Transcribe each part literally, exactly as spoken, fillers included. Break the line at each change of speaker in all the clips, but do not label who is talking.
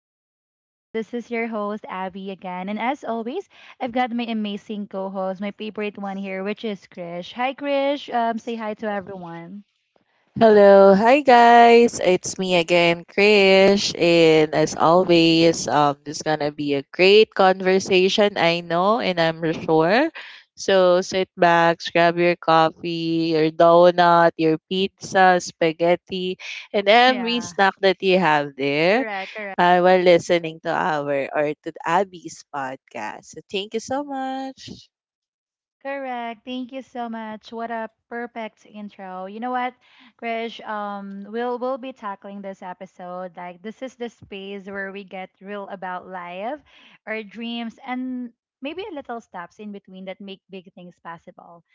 Abby Vibes. This is your host, Abby again. And as always, I've got my amazing co-host, my favorite one here, which is Krish. Hi Krish. Um say hi to everyone.
Hello, hi guys. It's me again, Krish, and as always, um this gonna be a great conversation, I know, and I'm sure. So sit back, grab your coffee, your donut, your pizza, spaghetti, and every
Yeah.
snack that you have there
Correct, correct.
uh, while listening to our or to Abby's podcast. So thank you so much.
Correct. Thank you so much. What a perfect intro. You know what, Krish? Um, we'll we'll be tackling this episode. Like this is the space where we get real about life, our dreams, and maybe a little steps in between that make big things possible.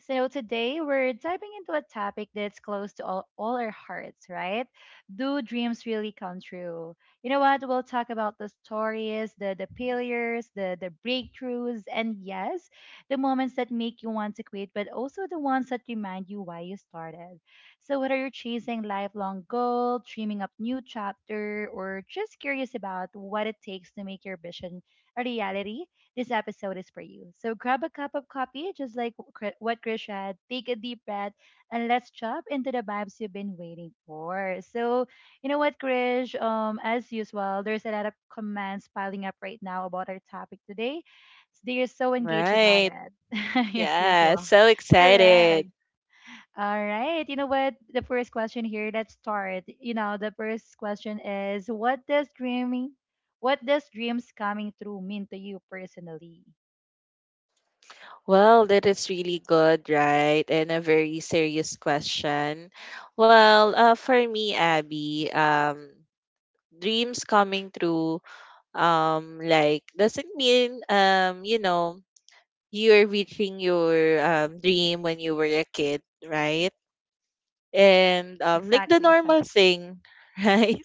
So today we're diving into a topic that's close to all, all our hearts, right? Do dreams really come true? You know what? We'll talk about the stories, the the failures, the the breakthroughs, and yes, the moments that make you want to quit, but also the ones that remind you why you started. So whether you're chasing lifelong goal, dreaming up new chapter, or just curious about what it takes to make your vision a reality, this episode is for you. So grab a cup of coffee, just like Kri- what Krish had. Take a deep breath and let's jump into the vibes you've been waiting for. So, you know what, Krish? Um, as usual, there's a lot of comments piling up right now about our topic today. They're so engaged about
Right.
it. Yes, yes,
Yeah,
well,
so excited.
correct. All right. You know what? The first question here, let's start. You know, the first question is what does dreaming what does dreams coming true mean to you personally?
Well, that is really good, right? And a very serious question. Well, uh, for me, Abby, um, dreams coming true, um, like doesn't mean um, you know, you're reaching your um, dream when you were a kid, right? And um, like the
Exactly, exactly.
normal thing, right?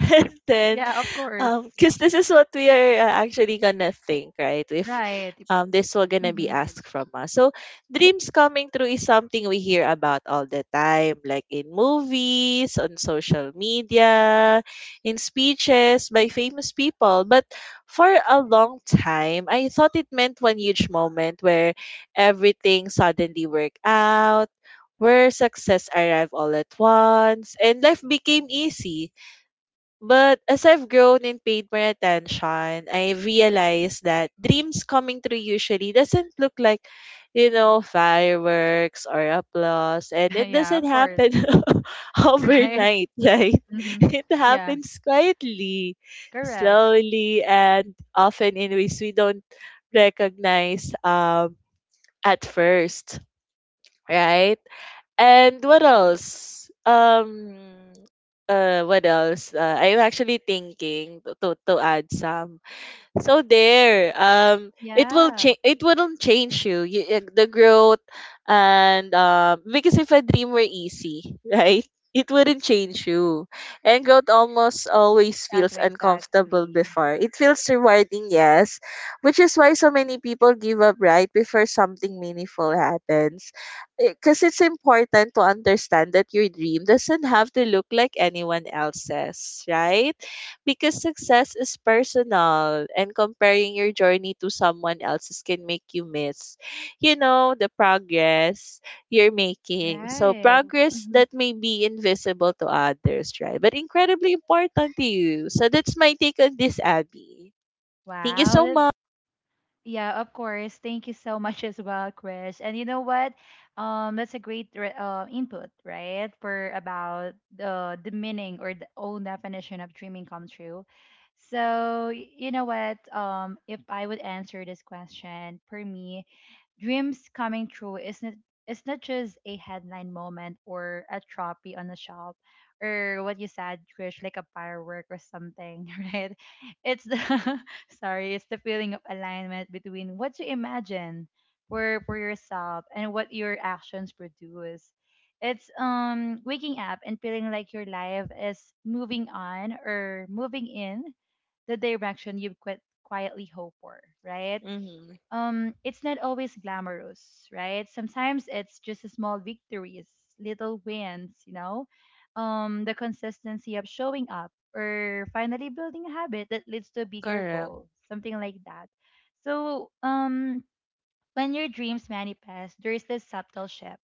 and then
Yeah, of course.
um, because this is what we are uh, actually gonna think, right? If
Right.
um, this will gonna be
Mm-hmm.
asked from us. So, dreams coming true is something we hear about all the time, like in movies, on social media, in speeches by famous people. But for a long time, I thought it meant one huge moment where everything suddenly worked out, where success arrived all at once, and life became easy. But as I've grown and paid more attention, I realized that dreams coming true usually doesn't look like, you know, fireworks or applause. And
Yeah,
it
yeah,
doesn't
of course.
happen
Right.
overnight, right?
Mm-hmm.
It
Yeah,
happens quietly,
correct.
slowly, and often in ways we don't recognize um, at first, right? And what else? Um, uh, what else? Uh, I'm actually thinking to, to to add some. So there, um, it will
Yeah,
change. It wouldn't change you. You uh, the growth, and um, because if a dream were easy, right, it wouldn't change you. And growth almost always feels
exactly,
uncomfortable
exactly.
before. It feels rewarding, yes, which is why so many people give up right before something meaningful happens. Because it's important to understand that your dream doesn't have to look like anyone else's, right? Because success is personal, and comparing your journey to someone else's can make you miss you know the progress you're making. So
Right.
progress
Hmm.
that may be invisible to others, right, but incredibly important to you. So that's my take on this, Abby. Thank you
Wow,
so
that,
much.
yeah, of course. Thank you so much as well, Chris. And you know what? Um, that's a great re- uh, input, right? For about the the meaning or the own definition of dreaming come true. So y- you know what? Um, if I would answer this question, for me, dreams coming true isn't it's not just a headline moment or a trophy on the shelf or what you said, Chris, like a firework or something, right? It's the sorry, it's the feeling of alignment between what you imagine for for yourself and what your actions produce. It's um waking up and feeling like your life is moving on or moving in the direction you quit quietly hope for, right?
Mm-hmm.
um it's not always glamorous, right? Sometimes it's just a small victories, little wins, you know, um the consistency of showing up or finally building a habit that leads to a bigger
Correct.
goal, something like that. So um when your dreams manifest, there's this subtle shift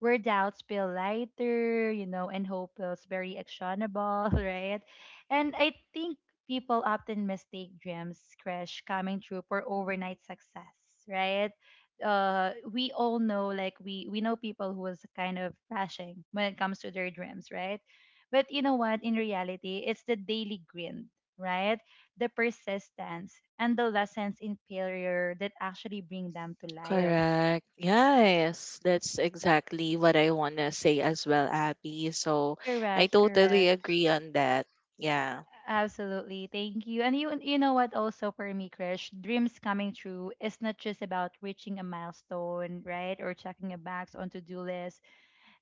where doubts feel lighter, you know, and hope feels very actionable, right? And I think people often mistake dreams, crash, coming true for overnight success, right? Uh, we all know, like we we know people who is kind of crashing when it comes to their dreams, right? But you know what? In reality, it's the daily grind, right? The persistence, and the lessons in failure that actually bring them to life.
Correct. Yes, that's exactly what I want to say as well, Abby. So I
Correct,
totally
correct.
agree on that. Yeah.
Absolutely. Thank you. And you you know what, also for me, Krish, dreams coming true is not just about reaching a milestone, right? Or checking a box on to-do list,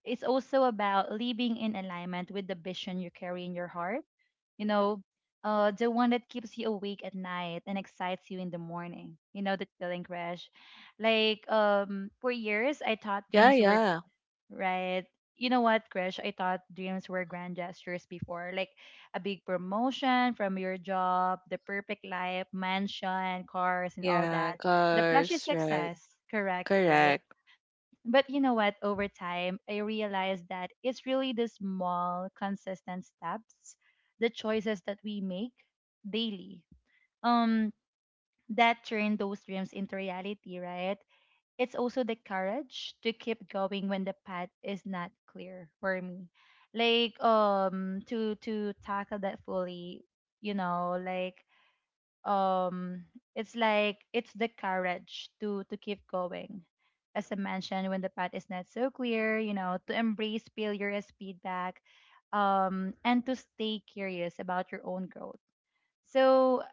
it's also about living in alignment with the vision you carry in your heart. You know, uh, the one that keeps you awake at night and excites you in the morning. You know that feeling, crash. Like um, for years, I thought
Yeah,
dreams were
yeah.
right. You know what, Crash? I thought dreams were grand gestures before, like a big promotion from your job, the perfect life, mansion, cars, and all
Yeah,
that. The flashy
cars, right.
success, correct, right?
Correct.
But you know what? Over time, I realized that it's really the small, consistent steps, the choices that we make daily, um, that turn those dreams into reality, right? It's also the courage to keep going when the path is not clear for me. Like um to to tackle that fully, you know, like um it's like it's the courage to to keep going, as I mentioned, when the path is not so clear, you know, to embrace failure as feedback, um and to stay curious about your own growth. So uh,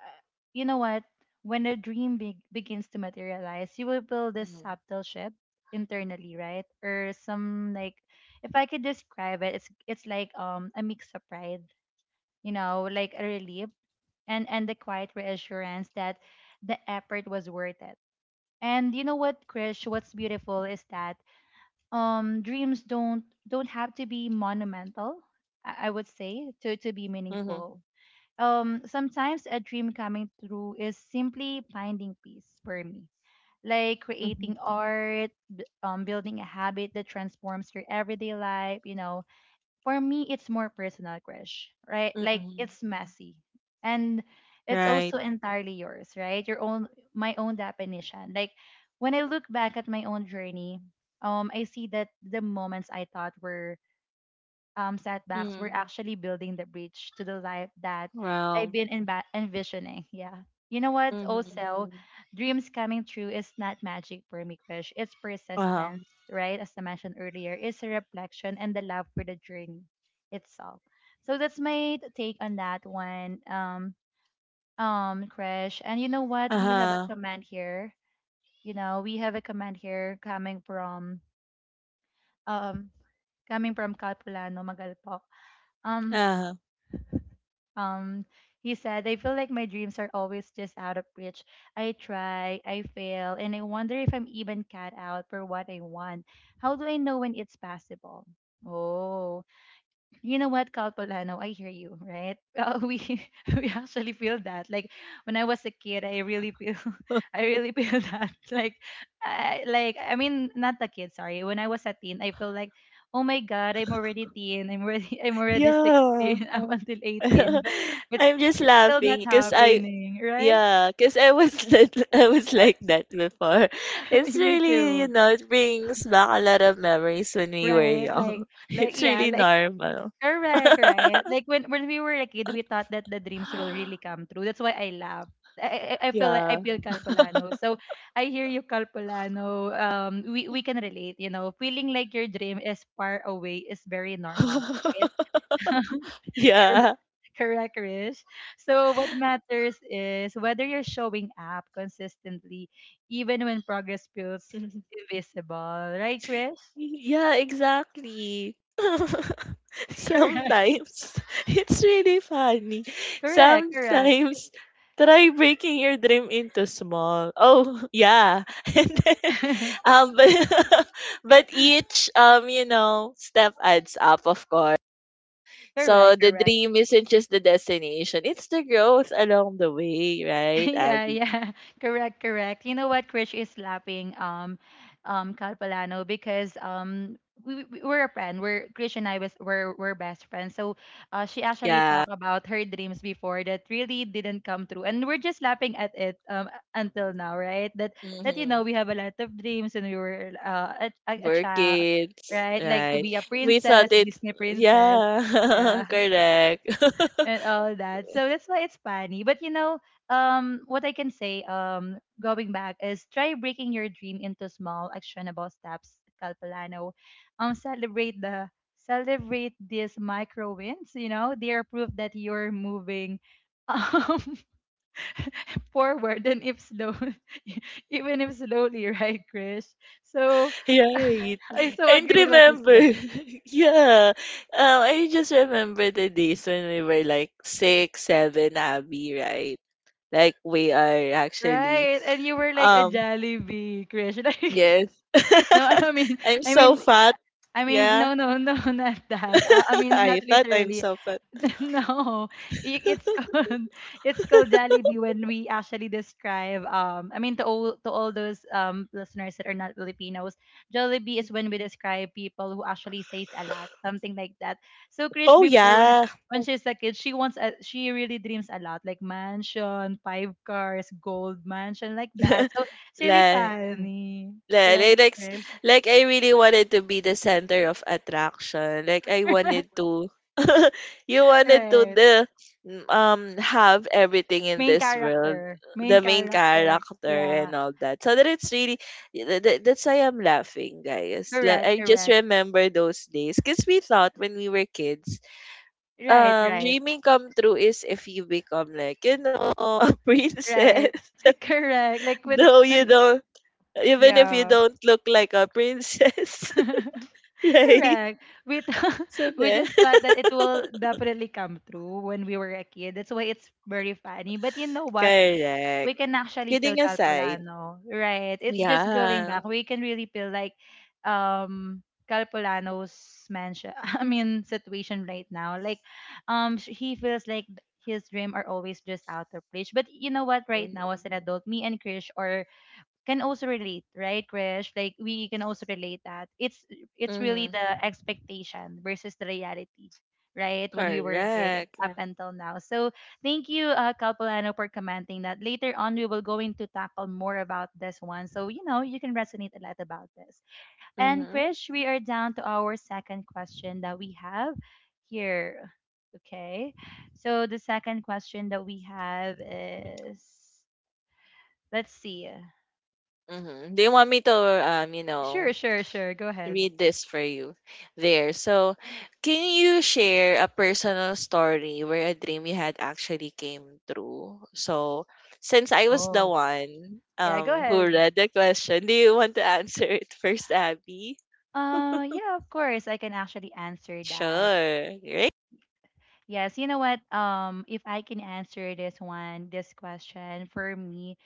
you know what, when a dream be- begins to materialize, you will build this
Mm-hmm.
subtle shift internally, right? Or some like, if I could describe it, it's it's like um a mix of pride, you know, like a relief, and and the quiet reassurance that the effort was worth it. And you know what, Krish, what's beautiful is that um dreams don't don't have to be monumental, I, I would say, to to be
Mm-hmm.
meaningful. Um sometimes a dream coming through is simply finding peace for me. Like
Mm-hmm.
creating art, b- um, building a habit that transforms your everyday life, you know, for me it's more personal, crush, right? Like
Mm-hmm.
it's messy and it's
Right.
also entirely yours, right? Your own, my own definition. Like when I look back at my own journey, um I see that the moments I thought were um, setbacks are
Mm-hmm.
actually building the bridge to the life that I've
Wow.
been envi- envisioning. Yeah. You know what?
Mm-hmm.
Also, Mm. dreams coming true is not magic for me, Krish. It's
Uh-huh.
persistence, right? As I mentioned earlier, it's a reflection and the love for the journey itself. So that's my take on that one, um, um, Krish. And you know what? We have a
Uh-huh.
comment here. You know, we have a comment here coming from um coming from Capulano Magalpok. Um,
Uh-huh.
Um, he said, I feel like my dreams are always just out of reach. I try, I fail, and I wonder if I'm even cut out for what I want. How do I know when it's possible? Oh, you know what, Calpolano, I hear you, right? Uh, we we actually feel that. Like when I was a kid, I really feel, I really feel that. Like, I, like I mean, not a kid, sorry. When I was a teen, I feel like, oh my god, I'm already teen. I'm already, I'm already
Yeah.
sixteen. I'm until eighteen, but it's
I'm just
it's still
laughing
not
because I
happening, right?
yeah, because I was like I was like that before. It's
Me
really, you
too,
know, it brings back a lot of memories when we were
right?
young.
Like, like
It's
yeah,
really
like
normal.
correct, right? Like when when we were a kid, we thought that the dreams will really come true. That's why I laugh. I, I I feel like I
Yeah.
feel Calpolano. So I hear you, Calpolano. Um, we we can relate. You know, feeling like your dream is far away is very normal, right? Cor-
Yeah.
Correct, Rish. So what matters is whether you're showing up consistently, even when progress feels invisible, right, Chris?
Yeah, exactly. Sometimes it's really funny.
Correct, correct, correct,
Sometimes try breaking your dream into small. Oh, yeah. And then um but, but each um you know step adds up, of course. So
correct,
the
correct.
dream isn't just the destination. It's the growth along the way, right,
Yeah,
Abby?
yeah. Correct, correct. You know what? Krish is laughing, um, um, Calpalano, because um, we, we we're a friend. We're Krish and I was we're we're best friends. So, uh, she actually
Yeah.
talked about her dreams before that really didn't come true, and we're just laughing at it um until now, right? That that you know
Hmm.
we have a lot of dreams, and we were uh, a, a a
Work
child,
kids,
right? Like to
right?
be a
We
princess,
thought it,
Disney princess.
yeah,
Yeah,
correct.
and all that. So that's why it's funny. But you know, um, what I can say, um, going back is try breaking your dream into small, actionable steps, Calpolano. Um, celebrate the, celebrate these micro wins. You know, they are proof that you're moving. Um, forward, and if slow, even if slowly, right, Krish? So I
Right.
exactly, so
And
agree with what you said,
remember, yeah, um, I just remember the days when we were like six, seven, Abby, right? Like we are actually,
right? And you were like a
um,
Jollibee, Krish, like
yes.
no, I mean,
I'm
I
so
mean,
fat.
uh, I mean,
Yeah,
no, no, no, not that. Uh, I mean,
I
not
thought I'm
literally.
so fat.
No, I- it's called it's called Jollibee when we actually describe. Um, I mean, to all to all those um listeners that are not Filipinos, Jollibee is when we describe people who actually says a lot, something like that. So Krish,
Oh
before when she,
yeah,
when she's a kid, she wants a she really dreams a lot, like mansion, five cars, gold mansion, like that. So it's really
like
funny,
Li- Like,
right,
like, s-
Krish?
like I really wanted to be the center of attraction. Like I wanted to you wanted to
Right.
the um have everything in
Main
this world,
character.
the
Main
main
character.
character
Yeah.
and all that. So that it's really th- th- that's why I'm laughing, guys. Like,
Correct,
I just
correct.
remember those days because we thought when we were kids,
Right,
um
right,
dreaming come true is if you become like you know a princess,
right. Correct. Like when
though you
when
don't even if you
yeah.
don't look like a princess, right?
Correct. We th-
So
we
there.
just thought that it will definitely come true when we were a kid. That's why it's very funny. But you know what? We
Correct.
can actually peel
Kidding aside.
Calpolano, right? It's just going
Yeah.
back. We can really peel like um Calpolano's mansion. I mean situation right now. Like um sh- he feels like his dream are always just out of reach. But you know what? Right now as
Mm-hmm.
an adult, me and Krish are can also relate, right, Krish? Like we can also relate that it's it's really
Mm-hmm.
the expectation versus the reality, right? When we were a kid and
Correct.
up, yeah, until now. So thank you, uh, Calpolano, for commenting that. Later on, we will go into tackle more about this one, so you know you can resonate a lot about this. And
Mm-hmm.
Krish, we are down to our second question that we have here. Okay, so the second question that we have is, let's see.
Mm-hmm. Do you want me to, um, you know,
Sure, sure, sure. Go ahead.
read this for you there? So, can you share a personal story where a dream you had actually came true? So, since I was the
Oh.
one
Yeah, go
um who
ahead.
read the question, do you want to answer it first, Abby?
Uh, yeah, of course, I can actually answer that.
Sure, right?
Yes, you know what? Um, if I can answer this one, this question for me,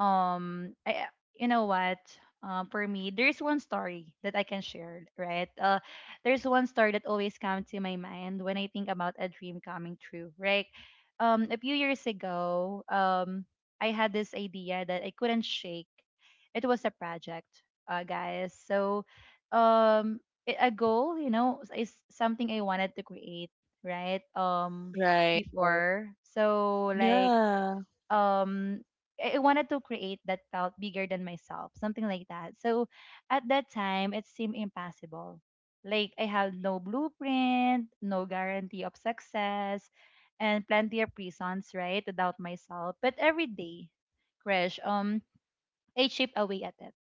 um I you know what uh, for me there's one story that I can share, right? Uh there's one story that always comes to my mind when I think about a dream coming true, right? Um a few years ago, um I had this idea that I couldn't shake. It was a project, uh guys. so um i- a goal, you know is something I wanted to create, right? um Right.
Right.
Before, so, like,
Yeah.
um I I wanted to create that felt bigger than myself, something like that. So at that time, it seemed impossible. Like I had no blueprint, no guarantee of success, and plenty of reasons, right, to doubt myself. But every day, Crash, um, I chip away at it.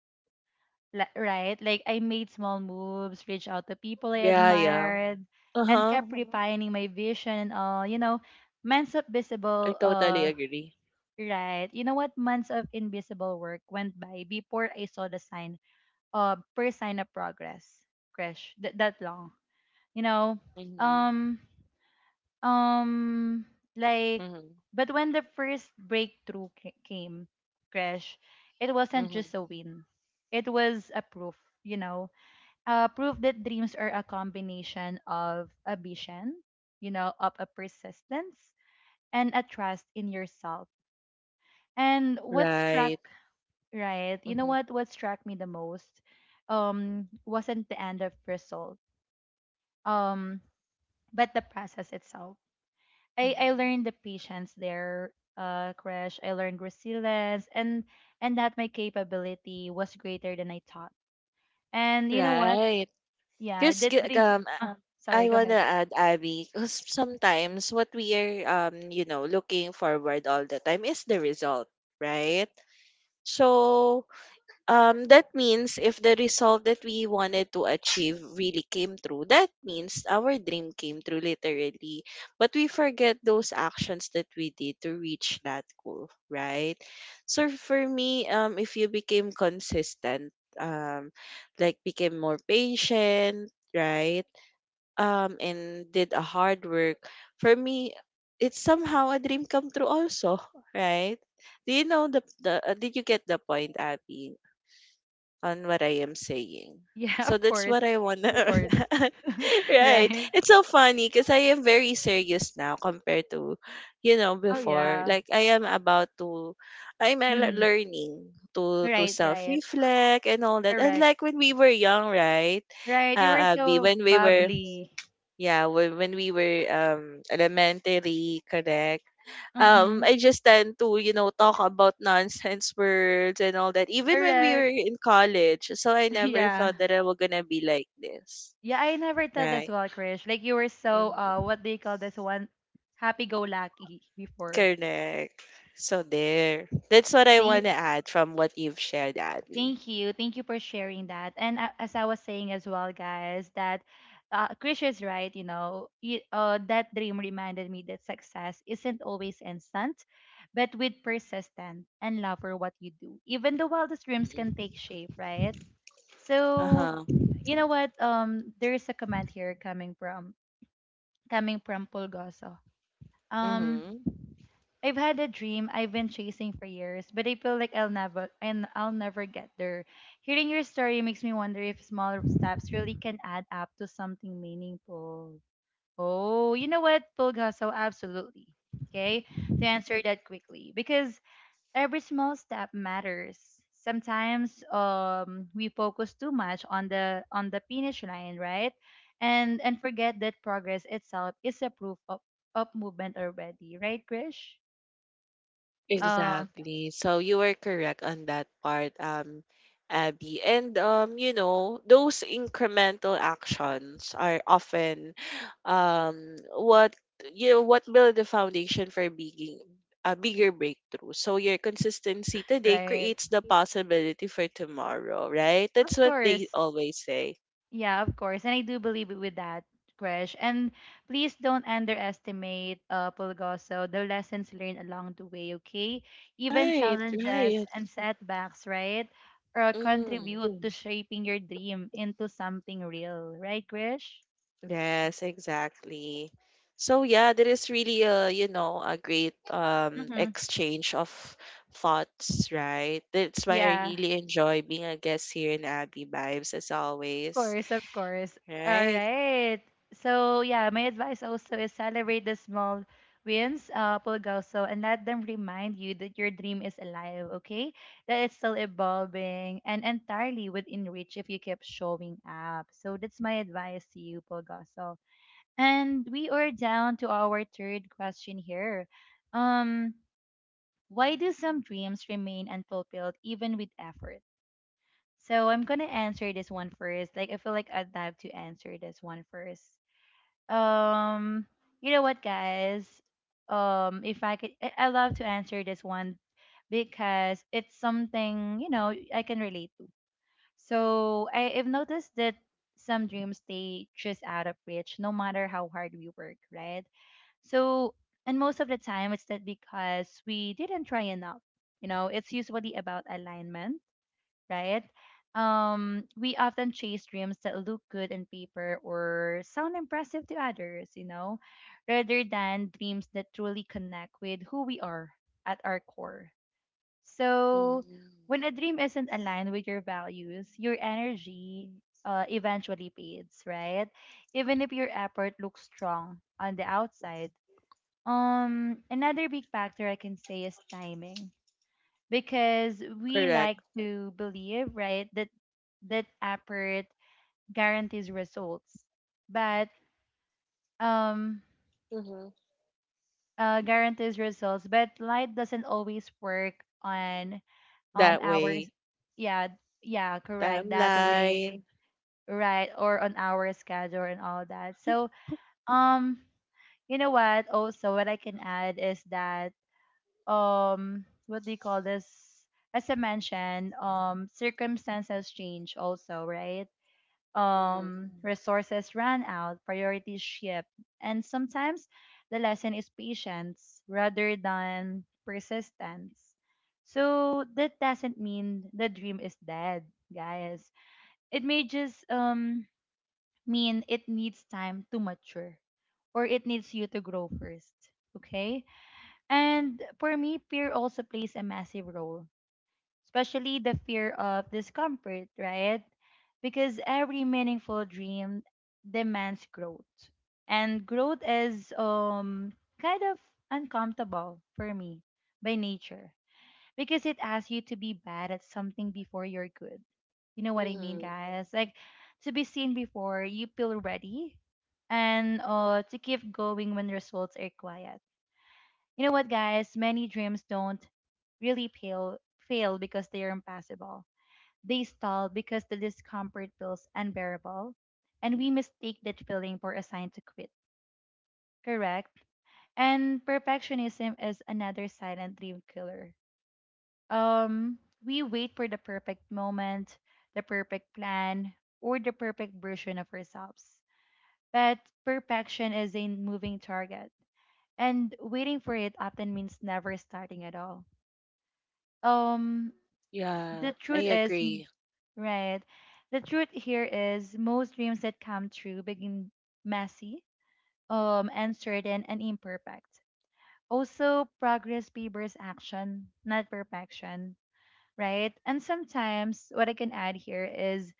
li- Right? Like I made small moves, reached out to people I, wow,
Yeah, yeah.
admired, and
Uh-huh.
kept, hmm, refining my vision and all. You know, men's
I
visible
totally
uh
agree.
right. You know what? Months of invisible work went by before I saw the sign, uh, first sign of progress, Krish. Th- that long. You know,
Mhm.
um, um, like,
Mhm.
but when the first breakthrough ca- came, Krish, it wasn't
Mhm.
just a win. It was a proof, you know, uh, proof that dreams are a combination of ambition, you know, of a persistence and a trust in yourself. And what
Right.
struck, right. You know
Mhm.
what? What struck me the most um wasn't the end of result. Um, but the process itself. I, I
Mhm.
learned the patience there, uh, crash. I learned resilience and and that my capability was greater than I thought. And you know what?
Right.
Yeah,
Because
the dream,
um, I
uh, sorry,
I
go
wanna
ahead.
add, Abby, because sometimes what we are um, you know, looking forward all the time is the result, right? So um, that means if the result that we wanted to achieve really came through, that means our dream came through, literally. But we forget those actions that we did to reach that goal, right? So for me, um, if you became consistent, um, like became more patient, right? Um, and did a hard work, for me, it's somehow a dream come true also, right? Do you know the, the uh, did you get the point, Abby, on what I am saying?
Yeah,
So
of
that's
course.
what I wanna
Of course.
right.
Right.
It's so funny because I am very serious now compared to, you know,
Oh
before.
yeah.
Like I am about to I'm uh, le-
Mm-hmm.
learning to to
Right,
self
right.
reflect and all that. And
Correct.
like when we were young, right?
Right. You were
Uh Abby,
so
when we were
bubbly.
yeah, when, when we were um elementary, correct? um
Mm-hmm.
I just tend to you know talk about nonsense words and all that, even when we
Correct.
were in college. So I never
Yeah.
thought that I was gonna be like this,
Yeah, I never thought as
right.
well, Krish. Like you were so, uh
Mm.
what do you call this one? Happy go lucky before.
Correct. So there, that's what I want
Thank
to add from what you've shared, Abby.
thank you. Thank you for sharing that. And, a- as I was saying as well, guys, that, uh, Krish is right, you know, you, uh, that dream reminded me that success isn't always instant, but with persistence and love for what you do, even the wildest dreams can take shape, right? So,
Uh-huh.
you know what? Um, there is a comment here coming from coming from Pulgoso. Um,
Mm-hmm.
I've had a dream I've been chasing for years, but I feel like I'll never and I'll never get there. Hearing your story makes me wonder if small steps really can add up to something meaningful. Oh, you know what, Pulgoso, absolutely. Okay, to answer that quickly, because every small step matters. Sometimes um we focus too much on the on the finish line, right? And and forget that progress itself is a proof of of movement already, right, Krish? um Exactly.
Exactly. So you were correct on that part, um, Abby. And um, you know, those incremental actions are often um what you know what build the foundation for being a bigger breakthrough. So your consistency today
Right,
creates the possibility for tomorrow, right? That's
of
what they
course.
always say.
Yeah, of course. And I do believe with that, Krish. And please don't underestimate, uh, Pulgoso, the lessons learned along the way, okay? Even
Right,
challenges
right.
and setbacks, right? Or
Mm.
contribute to shaping your dream into something real, right, Krish?
Yes, exactly. So yeah, there is really a, you know, a great um
Mm-hmm.
exchange of thoughts, right? That's why I
Yeah,
really enjoy being a guest here in Abby Vibes, as always,
course, of course. All
right?
right. So yeah, my advice also is celebrate the small wins, uh, Pulgoso, and let them remind you that your dream is alive. Okay, that it's still evolving and entirely within reach if you keep showing up. So that's my advice to you, Pulgoso. And we are down to our third question here. Um, why do some dreams remain unfulfilled even with effort? So I'm gonna answer this one first. Like I feel like I'd have to answer this one first. Um, you know what, guys? Um, if I could, I, I love to answer this one because it's something, you know, I can relate to. So I, I've noticed that some dreams stay just out of reach, no matter how hard we work, right? So and most of the time it's that because we didn't try enough. You know, it's usually about alignment, right? Um, we often chase dreams that look good on paper or sound impressive to others, you know, rather than dreams that truly connect with who we are at our core. So,
Hmm.
when a dream isn't aligned with your values, your energy, uh, eventually fades, right? Even if your effort looks strong on the outside. Um, another big factor I can say is timing, because we like
Correct.
to believe, right, that that effort guarantees results. But um
Mm-hmm.
uh guarantees results, but light doesn't always work on um
That
our
way.
s- yeah, yeah, correct. That
Timeline.
way, right, or on our schedule and all that. So, um you know what? Also, what I can add is that, um what do you call this, as I mentioned, um circumstances change also, right?
Mm-hmm.
Um resources run out, priorities shift, and sometimes the lesson is patience rather than persistence. So that doesn't mean the dream is dead, guys. It may just um mean it needs time to mature, or it needs you to grow first. Okay? And for me, fear also plays a massive role, especially the fear of discomfort, right? Because every meaningful dream demands growth. And growth is, um kind of uncomfortable for me by nature, because it asks you to be bad at something before you're good. You know what I mean,
Mm-hmm.
guys? Like to be seen before you feel ready, and, uh, to keep going when results are quiet. You know what, guys? Many dreams don't really fail, fail because they are impossible. They stall because the discomfort feels unbearable, and we mistake that feeling for a sign to quit. Correct? And perfectionism is another silent dream killer. Um, we wait for the perfect moment, the perfect plan, or the perfect version of ourselves. But perfection is a moving target, and waiting for it often means never starting at all. um
Yeah,
the
I
truth is m-
agree.
right, the truth here is most dreams that come true begin messy, um uncertain and imperfect. Also, progress favors action, not perfection, right? And sometimes what I can add here is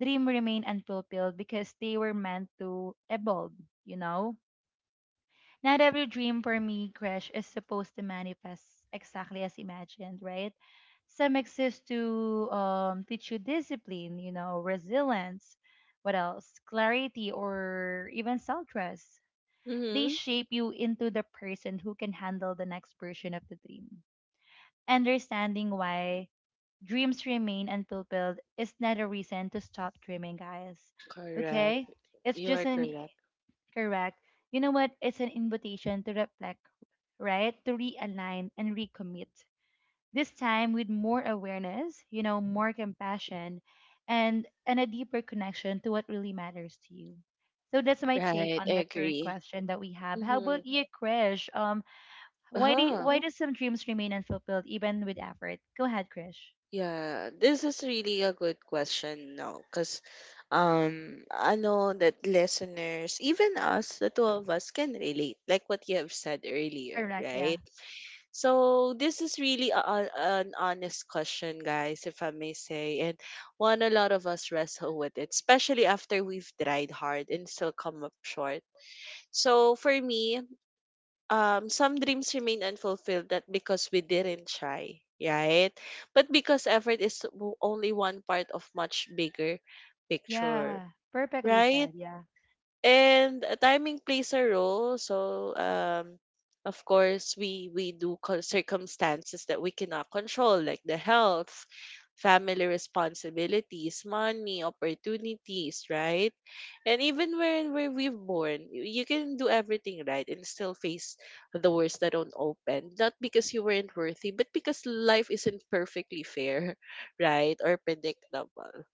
dream remain unfulfilled because they were meant to evolve, you know. Not every dream for me, Crash, is supposed to manifest exactly as imagined, right? Some exist to, um, teach you discipline, you know, resilience, what else? Clarity or even self trust. They
Mm-hmm.
shape you into the person who can handle the next version of the dream. Understanding why dreams remain unfulfilled is not a reason to stop dreaming, guys.
Correct.
Okay? It's
You
just
are
an,
correct.
correct. You know what? It's an invitation to reflect, right? To realign and recommit. This time with more awareness, you know, more compassion, and and a deeper connection to what really matters to you. So that's my take
Right,
on
I
the third
agree.
question that we have. How
Mm-hmm.
about you, Krish? Um, why do you,
Uh-huh.
why do some dreams remain unfulfilled even with effort? Go ahead, Krish.
Yeah, this is really a good question now because um I know that listeners, even us, the two of us, can relate, like what you have said
All
earlier,
right, yeah.
right? So this is really a, a- an honest question, guys, if I may say, and one a lot of us wrestle with, it, especially after we've tried hard and still come up short. So for me, um, some dreams remain unfulfilled, that because we didn't try, right? But because effort is w- only one part of much bigger picture,
Yeah. Perfectly
right?
said, yeah.
And uh, timing plays a role. So, um, of course, we we do co- circumstances that we cannot control, like the health, family responsibilities, money, opportunities, right? And even when where we've born, you you can do everything right and still face the worst that don't open. Not because you weren't worthy, but because life isn't perfectly fair, right, or predictable.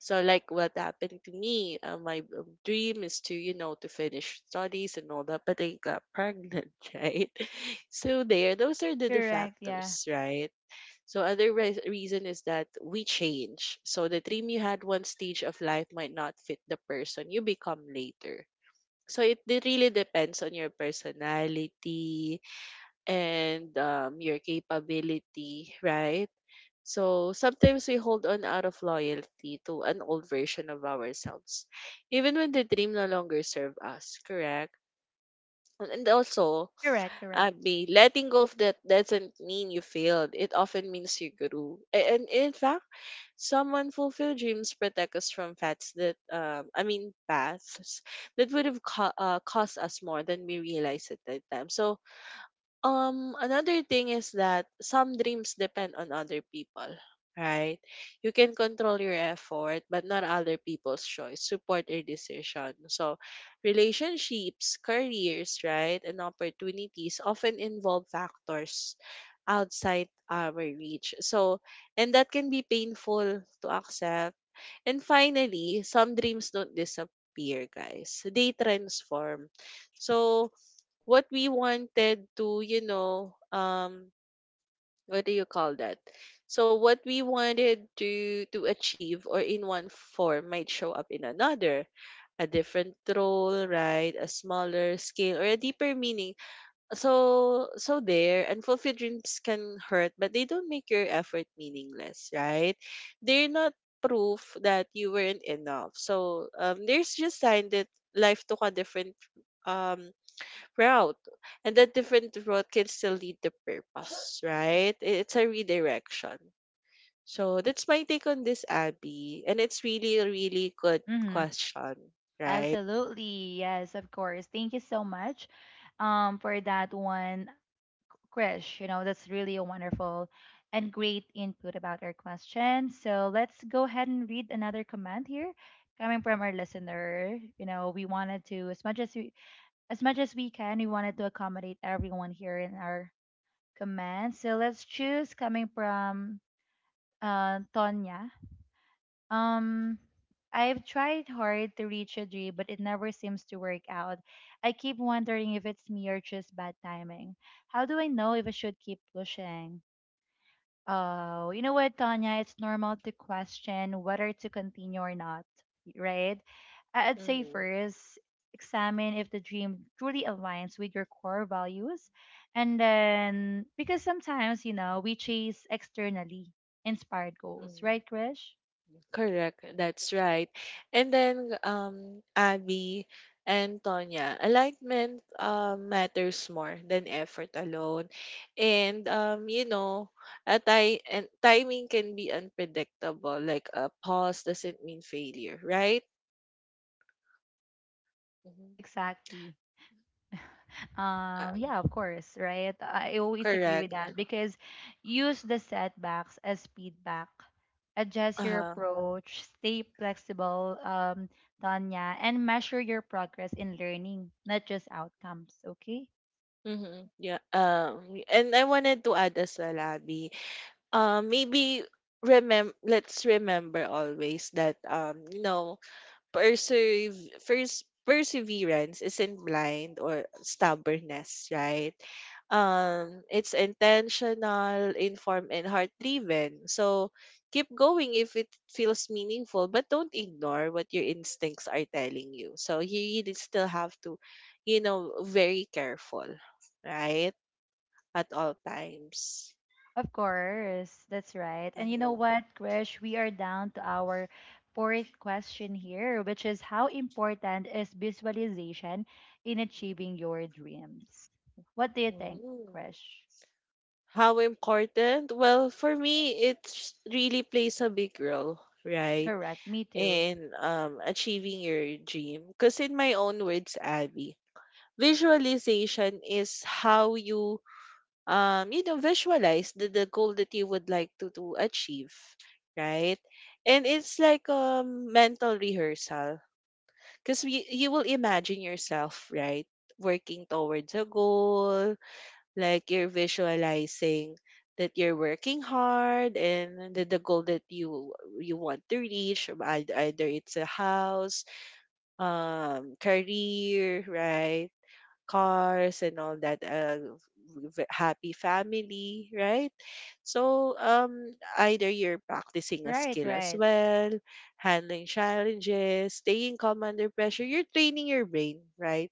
So like what happened to me, uh, my um, dream is to, you know, to finish studies and all that, but I got pregnant, right? So there, those are the, the
Correct, yeah.
factors, right? So other re- reason is that we change. So the dream you had one stage of life might not fit the person you become later. So it de- really depends on your personality and um, your capability, right? So sometimes we hold on out of loyalty to an old version of ourselves, even when the dream no longer serves us, correct? And and also,
Correct, correct.
Abby, letting go of that doesn't mean you failed. It often means you grew. A- And in fact, some unfulfilled dreams protect us from paths that, um, I mean, paths that would have co- uh, cost us more than we realized at that time. So um, another thing is that some dreams depend on other people, right? You can control your effort, but not other people's choice, support, or decision. So, relationships, careers, right, and opportunities often involve factors outside our reach. So, and that can be painful to accept. And finally, some dreams don't disappear, guys. They transform. So, what we wanted to, you know, um, what do you call that? So what we wanted to to achieve or in one form might show up in another, a different role, right? A smaller scale or a deeper meaning. So so there, unfulfilled dreams can hurt, but they don't make your effort meaningless, right? They're not proof that you weren't enough. So um, there's just sign that life took a different um route, and that different route can still lead the purpose, right? It's a redirection. So that's my take on this, Abby, and it's really a really good
Mm-hmm.
question, right?
Absolutely, yes, of course. Thank you so much um for that one. Krish. You know, that's really a wonderful and great input about our question. So let's go ahead and read another comment here coming from our listener. You know, we wanted to as much as we as much as we can, we wanted to accommodate everyone here in our comments. So let's choose coming from uh Tonya. Um I've tried hard to reach a dream, but it never seems to work out. I keep wondering if it's me or just bad timing. How do I know if I should keep pushing? Oh, you know what, Tanya? It's normal to question whether to continue or not, right? I- I'd say
Mm-hmm.
first, examine if the dream truly aligns with your core values. And then, because sometimes, you know, we chase externally inspired goals, right, Krish?
Correct. That's right. And then um Abby and Tonya, alignment um matters more than effort alone. And um you know, a ti- and timing can be unpredictable. Like a pause doesn't mean failure, right? hmm
Exactly.
Uh,
Um, yeah, of course, right? I always agree with
correct.
that because use the setbacks as feedback. Adjust your
Uh-huh.
approach, stay flexible, um, Tanya, and measure your progress in learning, not just outcomes, okay?
Mm-hmm. Yeah. Um and I wanted to add as well, Abby. Um maybe remember, let's remember always that um you know Perserve first perseverance isn't blind or stubbornness, right? Um, it's intentional, informed, and heart driven. So keep going if it feels meaningful, but don't ignore what your instincts are telling you. So you really still have to, you know, very careful, right? At all times.
Of course, that's right. And you know
Mhm.
what, Krish? We are down to our fourth question here, which is how important is visualization in achieving your dreams? What do you think,
Mhm.
Krish?
How important? Well, for me, it really plays a big role, right?
Correct. Me too.
In um, achieving your dream. Because, in my own words, Abby, visualization is how you, um, you know, visualize the, the goal that you would like to, to achieve, right? And it's like a mental rehearsal because you will imagine yourself, right? Working towards a goal, like you're visualizing that you're working hard and the, the goal that you you want to reach um, ei- either it's a house, um career, right, cars and all that, uh, v- happy family, right? So um, either you're practicing a
Right,
skill as
right.
well, handling challenges, staying calm under pressure. You're training your brain, right?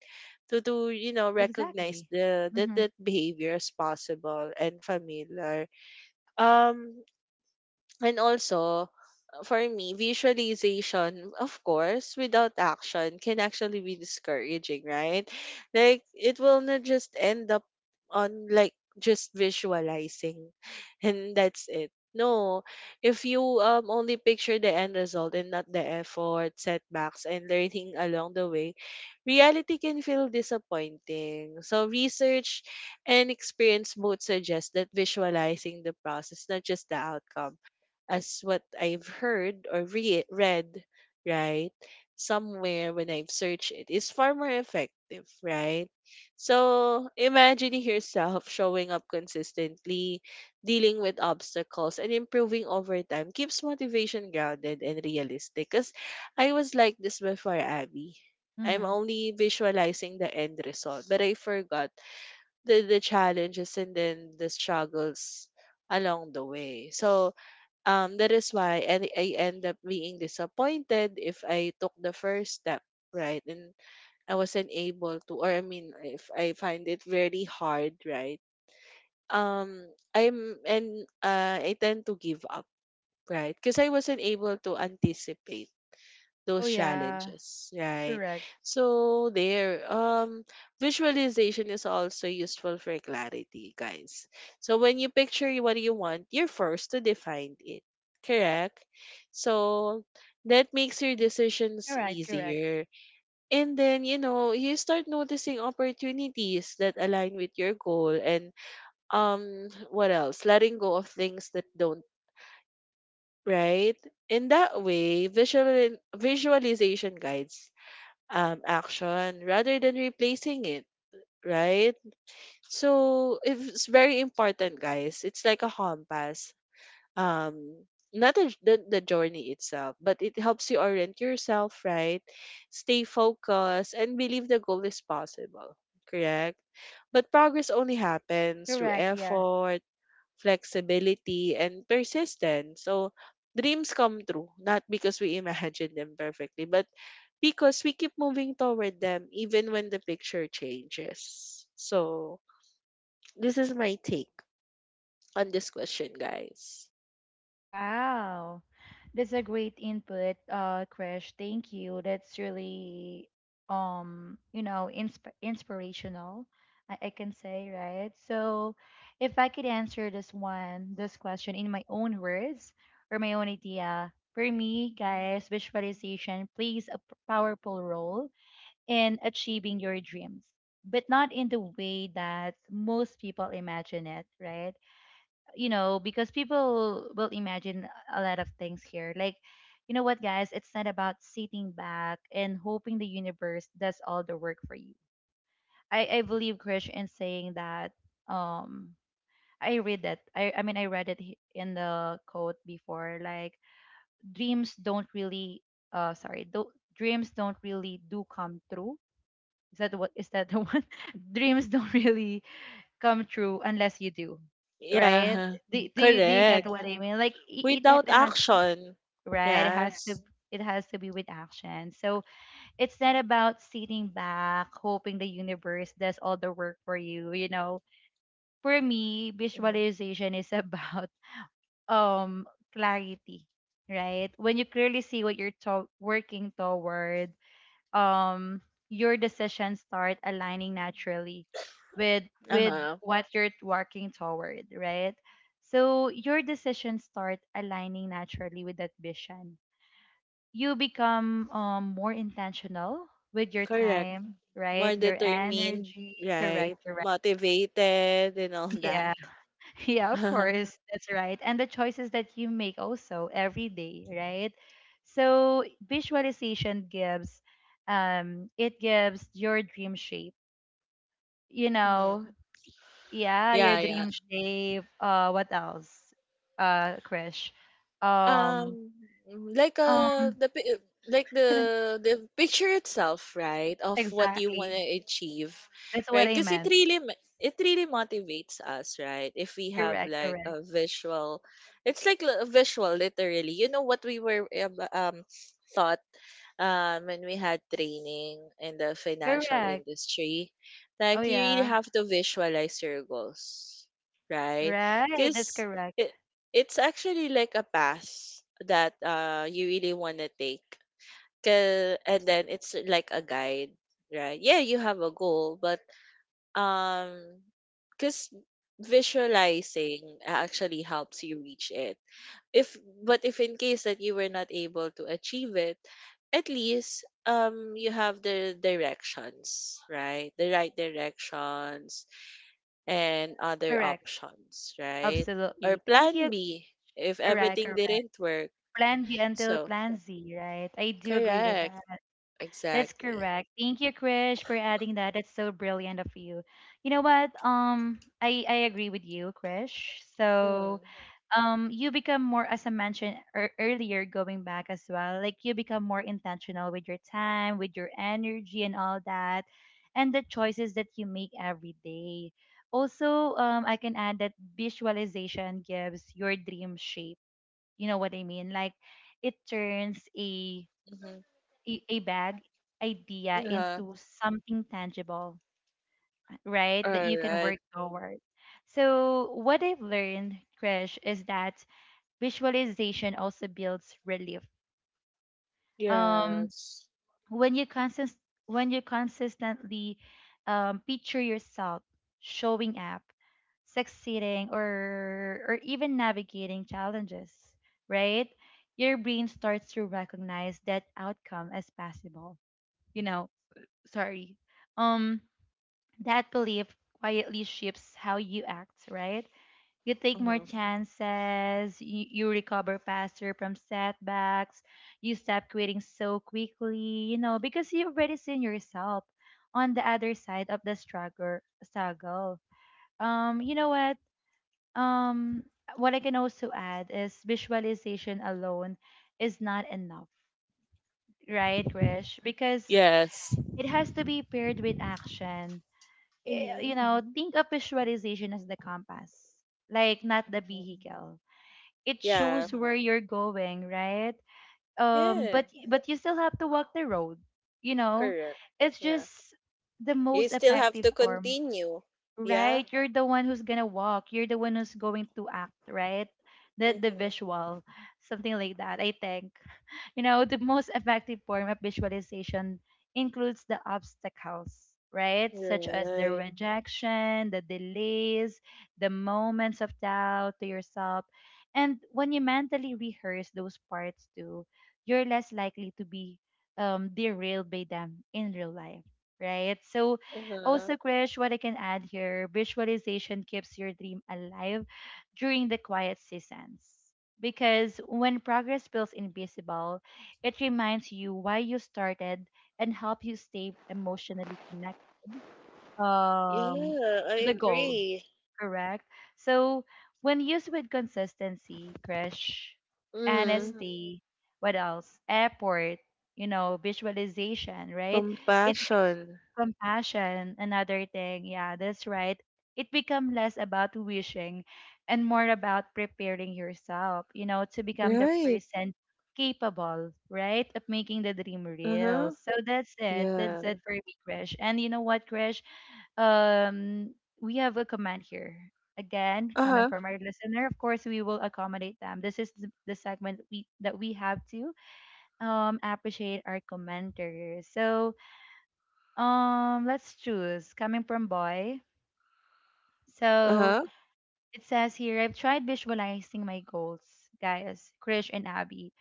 To to you know recognize
Exactly.
the that
Mm-hmm.
that behavior as possible and familiar. Um, and also for me, visualization, of course, without action can actually be discouraging, right? Like it will not just end up on, like, just visualizing and that's it. No, if you um only picture the end result and not the effort, setbacks, and learning along the way, reality can feel disappointing. So research and experience both suggest that visualizing the process, not just the outcome, as what I've heard or re- read, right? Somewhere when I've searched, it is far more effective, right? So imagining yourself showing up consistently, dealing with obstacles, and improving over time keeps motivation grounded and realistic. Because I was like this before, Abby. I'm
Mm-hmm.
only visualizing the end result, but I forgot the, the challenges and then the struggles along the way. So um, that is why I, I end up being disappointed if I took the first step, right? And I wasn't able to, or I mean, if I find it very hard, right? Um, I'm, and uh, I tend to give up, right? Because I wasn't able to anticipate
Oh
those
yeah.
challenges, right?
Correct.
So there, um, visualization is also useful for clarity, guys. So when you picture what you want, you're forced to define it, correct? So that makes your decisions
Correct, correct.
easier. And then, you know, you start noticing opportunities that align with your goal and um what else? Letting go of things that don't, right? In that way, visual visualization guides um, action rather than replacing it, right? So if it's very important, guys. It's like a compass. Um, Not the, the, the journey itself, but it helps you orient yourself, right? Stay focused and believe the goal is possible, correct? But progress only happens through
Correct, yeah.
effort, flexibility, and persistence. So dreams come true, not because we imagine them perfectly, but because we keep moving toward them even when the picture changes. So, this is my take on this question, guys.
Wow. That's a great input, uh, Krish. Thank you. That's really, um, you know, insp inspirational, I, I can say, right? So if I could answer this one, this question in my own words or my own idea, for me, guys, visualization plays a p- powerful role in achieving your dreams, but not in the way that most people imagine it, right? You know, because people will imagine a lot of things here. Like, you know what, guys? It's not about sitting back and hoping the universe does all the work for you. I, I believe Krish in saying that. Um, I read that. I, I mean, I read it he- in the quote before. Like, dreams don't really. Uh, sorry. Do, dreams don't really do come true. Is that what? Is that the one? Dreams don't really come true unless you do, right?
Yeah,
Do do you, do you, yeah, get
correct.
what I mean? Like it, it it
Without
has,
action.
right. It has to
Yes.
it has to be with action. So it's not about sitting back hoping the universe does all the work for you. You know, for me,
Mhm.
visualization is about um clarity, right? When you clearly see what you're to- working toward, um your decisions start aligning naturally with with
Uh-huh.
what you're working toward, right? So your decisions start aligning naturally with that vision. You become um, more intentional with your
Correct.
time, right,
More
your
determined,
energy, correct,
right?
correct.
Motivated and all that.
Yeah, yeah, of course. That's right. And the choices that you make also every day, right? So visualization gives, um it gives your dream shape. You
Mhm.
know, yeah, your
Yeah, yeah.
dream shape. Uh what else? Uh Krish. Um
Um, like uh
um
the pi- like the the picture itself, right, of what you want to
exactly.
achieve,
That's
right?
what I
Because it
meant.
really ma- it really motivates us, right? If we have
Correct,
like
correct.
a visual, it's like li- a visual, literally. You know what we were um um, thought um when we had training in the financial
Correct.
industry,
Oh
like you really
yeah.
have to visualize your goals, right?
Right. That's
Because
correct.
it's actually like a pass that uh you really want to take. 'Ca- And then it's like a guide, right? Yeah, you have a goal, but um cuz visualizing actually helps you reach it. If but if in case that you were not able to achieve it, at least um you have the directions, right? The right directions and other
Correct.
options, right? Or
Absolutely. Thank
plan
you.
B if
Correct.
everything didn't work.
Plan B until
So,
Plan Z, right? I do agree with
correct.
that. That's
Exactly.
correct. Thank you, Krish, for adding that. That's so brilliant of you. You know what? Um, I I agree with you, Krish. So,
Mm-hmm.
um, you become more, as I mentioned ear earlier, going back as well. Like you become more intentional with your time, with your energy, and all that, and the choices that you make every day. Also, um, I can add that visualization gives your dream shape, you know what I mean? Like it turns a a, a bad idea
huh.
into something tangible, right? That you
All
can
right.
work toward. So what I've learned, Krish, is that visualization also builds relief. Um
Yes.
when you consist when you consistently um, picture yourself showing up, succeeding, or or even navigating challenges, right? Your brain starts to recognize that outcome as possible, you know sorry, um that belief quietly shapes how you act, right? You take
Uh
more
huh.
chances, you, you recover faster from setbacks, you stop quitting so quickly, you know, because you've already seen yourself on the other side of the struggle struggle. Um, you know what? Um what I can also add is visualization alone is not enough. Right, Krish? Because
Yes.
it has to be paired with action. Eh, You
Mm-hmm.
know, think of visualization as the compass, like not the
Mm-hmm.
vehicle. It
Yeah.
shows where you're going, right? um
Yes.
but but you still have to walk the road, you know
Correct.
it's
Yeah.
just the
You
most
still have
effective
to
form.
continue. Yeah.
Right, you're the one who's gonna walk. You're the one who's going to act, right? The the
Mm-hmm.
visual, something like that. I think you know the most effective form of visualization includes the obstacles, right? Such as the
Right.
rejection, the delays, the moments of doubt to yourself, and when you mentally rehearse those parts too, you're less likely to be um, derailed by them in real life, right? So
Uh-huh.
also, Krish, what I can add here, visualization keeps your dream alive during the quiet seasons. Because when progress feels invisible, it reminds you why you started and help you stay emotionally connected, um,
Yeah, I
to the goal,
agree.
correct? So, when used with consistency, Krish, hmm
Mm.
honesty, what else? Effort. You know, visualization, right? It,
Compassion.
compassion, another thing. Yeah, that's right. It become less about wishing and more about preparing yourself, you know, to become the
Right.
person capable, right, of making the dream real.
Uh-huh.
So that's it. That's,
Yeah.
mhm, it for me, Krish. And you know what, Krish? Um, we have a comment here. Again, coming
Uh-huh.
from our listener, of course, we will accommodate them. This is the the segment we that we have to um appreciate our commenters. So, um, let's choose. Coming from boy. So
Uh-huh.
it says here, I've tried visualizing my goals, guys, Krish and Abby,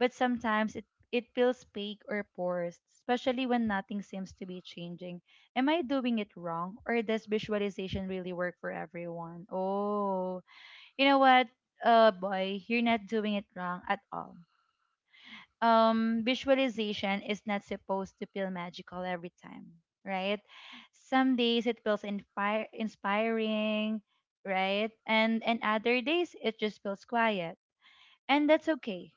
but sometimes it it feels fake or forced, especially when nothing seems to be changing. Am I doing it wrong, or does visualization really work for everyone? Oh, you know what, uh, boy, you're not doing it wrong at all. Um visualization is not supposed to feel magical every time, right? Some days it feels inspire, inspiring, right, and and other days it just feels quiet, and that's okay,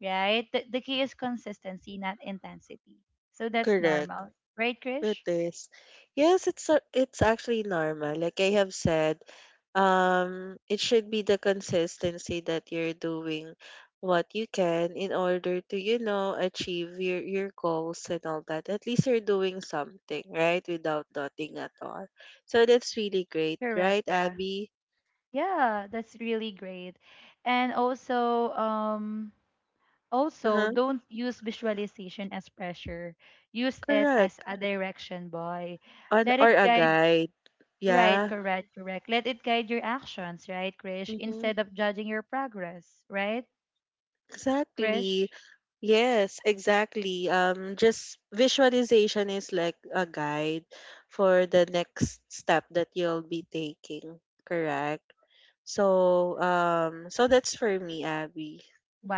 right? The, the key is consistency, not intensity. So that's
Correct.
normal, right,
It
Krish?
is. Yes, it's a, it's actually normal. Like I have said, um, it should be the consistency that you're doing what you can in order to, you know, achieve your your goals and all that. At least you're doing something, right? Without nothing at all. So that's really great,
Correct,
right,
yeah.
Abby?
Yeah, that's really great. And also um Also,
Uh-huh.
don't use visualization as pressure. Use it as
Correct.
a direction, boy.
On
Let
or
it
a
guide,
guide.
right,
Yeah.
correct, correct. Let it guide your actions, right, Krish,
Mm-hmm.
instead of judging your progress, right,
Exactly.
Krish?
Yes, exactly. Um, just visualization is like a guide for the next step that you'll be taking, correct? So, um, so that's for me, Abby.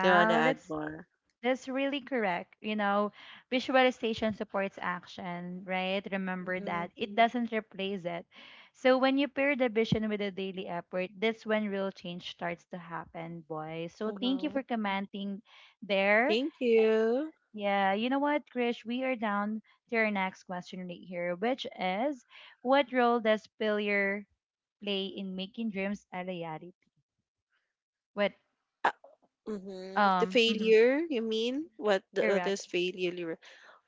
Do you wanna add
that's
more?
That's really correct. You know, visualization supports action, right? Remember
Mm-hmm.
that. It does doesn't replace it. So when you pair the vision with the daily effort, that's when real change starts to happen, boys. So thank you
Uh-huh.
for commenting there.
Thank you.
Yeah, you know what, Krish? We are down to our next question right here, which is, what role does failure play in making dreams a reality? What
Uh, mm-hmm. The
um Mhm,
failure, you mean? What the
correct.
others failure?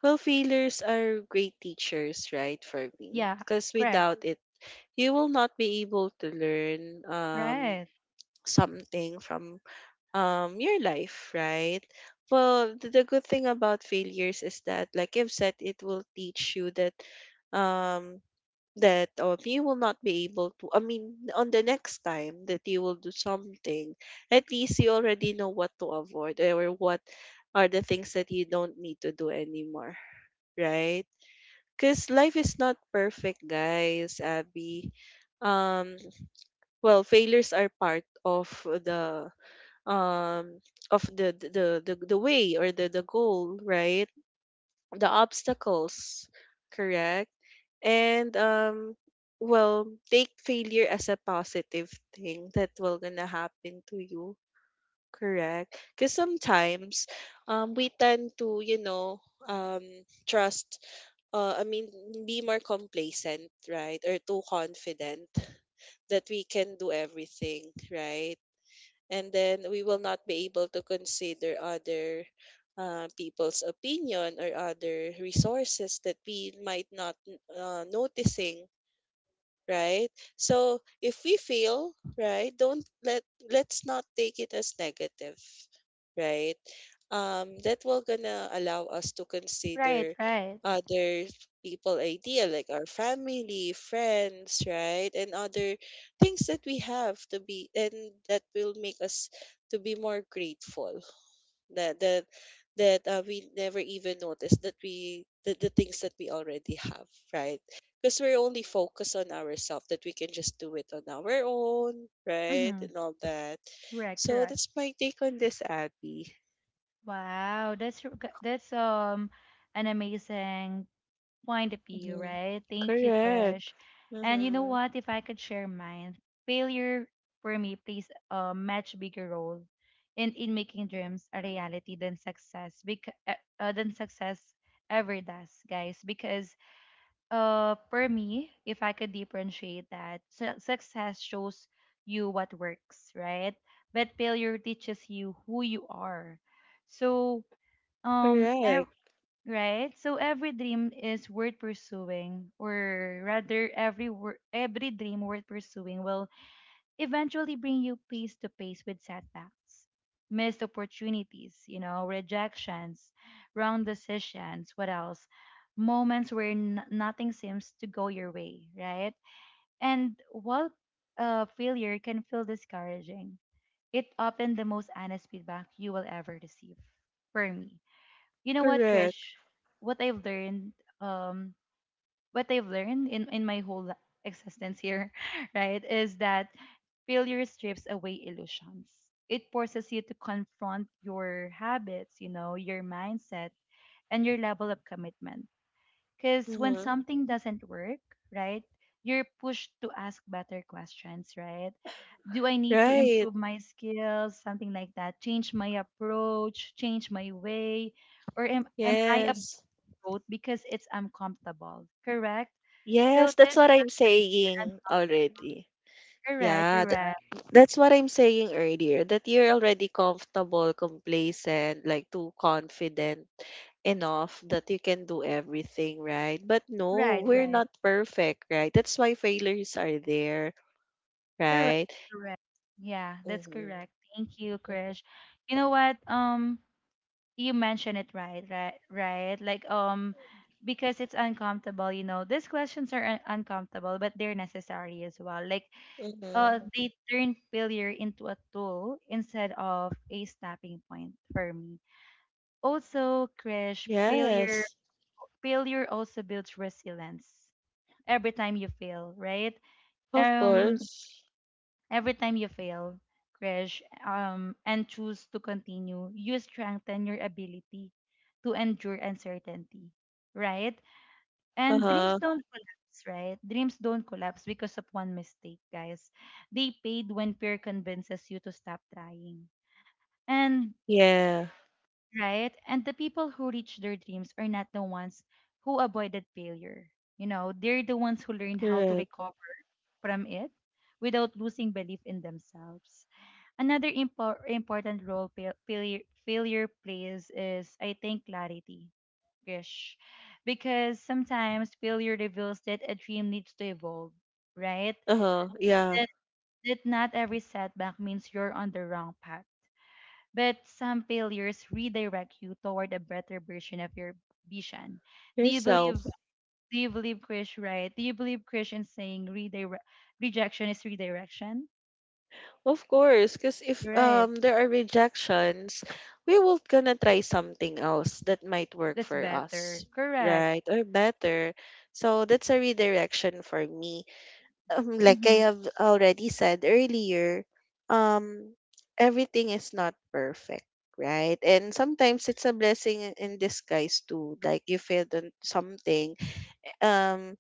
Well, failures are great teachers, right, for me.
Yeah,
Because
correct.
without it, you will not be able to learn um,
Right.
something from um, your life, right? Well, th- the good thing about failures is that, like I've said, it will teach you that um, that um, you will not be able to. I mean, on the next time that you will do something, at least you already know what to avoid or what are the things that you don't need to do anymore, right? Because life is not perfect, guys. Abby. Um, well, failures are part of the um of the the the, the way or the the goal, right, the obstacles, correct. And um well, take failure as a positive thing that will gonna happen to you. Correct. Because sometimes um, we tend to, you know, um, trust, uh, I mean, be more complacent, right? Or too confident that we can do everything, right? And then we will not be able to consider other uh, people's opinion or other resources that we might not uh, noticing, right? So if we fail, right, don't let let's not take it as negative, right? Um, that will gonna allow us to
Right,
consider
right.
other people idea, like our family, friends, right, and other things that we have to be, and that will make us to be more grateful that that that uh, we never even notice that we the, the things that we already have, right, because we're only focused on ourselves that we can just do it on our own, right,
Mm-hmm.
and all that.
Correct,
So
correct.
that's my take on this, Abby.
Wow, that's r- g- that's um an amazing point of view,
Mm-hmm.
right? Thank you,
Correct.
Krish. And you know
Mm-hmm.
what? If I could share mine, failure for me plays a much bigger role in in making dreams a reality than success because uh, uh, than success ever does, guys. Because uh for me, if I could differentiate that, su- success shows you what works, right? But failure teaches you who you are. So um ev-
Correct.
right, so every dream is worth pursuing, or rather every wor- every dream worth pursuing will eventually bring you face to face with setbacks, missed opportunities, you know, rejections, wrong decisions, what else? Moments where n- nothing seems to go your way, right? And while uh, failure can feel discouraging, it often the most honest feedback you will ever receive. For me, you know what,
Correct.
Krish? What I've learned um, what I've learned in, in my whole li- existence here, right, is that failure strips away illusions. It forces you to confront your habits, you know, your mindset, and your level of commitment. Because when
Mm-hmm.
something doesn't work, right, you're pushed to ask better questions, right? Do I need to
Right.
improve my skills, something like that? Change my approach, change my way, or am, am I
yes
growth because it's uncomfortable, correct? So
Yes, that's
this
what I'm
question, and-
saying already.
correct,
Yeah,
correct,
that's what I'm saying earlier, that you're already comfortable, complacent, like too confident enough that you can do everything, right? But no,
right, Yes,
we're
right,
not perfect, right? That's why failures are there,
correct,
right?
correct. Yeah, that's
Mm-hmm.
correct. Thank you,
Mm-hmm.
Krish. You know what? Um, you mentioned it right, right, right. Like um, because it's uncomfortable. You know, these questions are un- uncomfortable, but they're necessary as well. Like
Mm-hmm.
uh, they turn failure into a tool instead of a snapping point for me. Also, Krish, failure
Yes,
failure also builds resilience. every time you fail right
of
um
course.
every time you fail, crash, um and choose to continue, you strengthen your ability to endure uncertainty, right?
Uh
And dreams
huh.
don't collapse right dreams don't collapse because of one mistake, guys. They fade when fear convinces you to stop trying, and
Yeah,
right? And the people who reach their dreams are not the ones who avoided failure. You know, they're the ones who learned how to
correct.
recover from it without losing belief in themselves. Another impor- important role fail- failure, failure plays is, I think, clarity. Gish. Because sometimes failure reveals that a dream needs to evolve, right?
Uh huh. Yeah,
That, that not every setback means you're on the wrong path, but some failures redirect you toward a better version of your vision. Do you believe?
yourself.
Do you believe, Krish? Right? Do you believe, Krish, in saying redirect rejection is redirection?
Of course, because if
Right.
um there are rejections, we will gonna try something else that might work
That's
for us,
better. Correct.
right? Or better. So that's a redirection for me. Um, like
Mm-hmm.
I have already said earlier, um, everything is not perfect, right? And sometimes it's a blessing in in disguise too. Like you failed on something um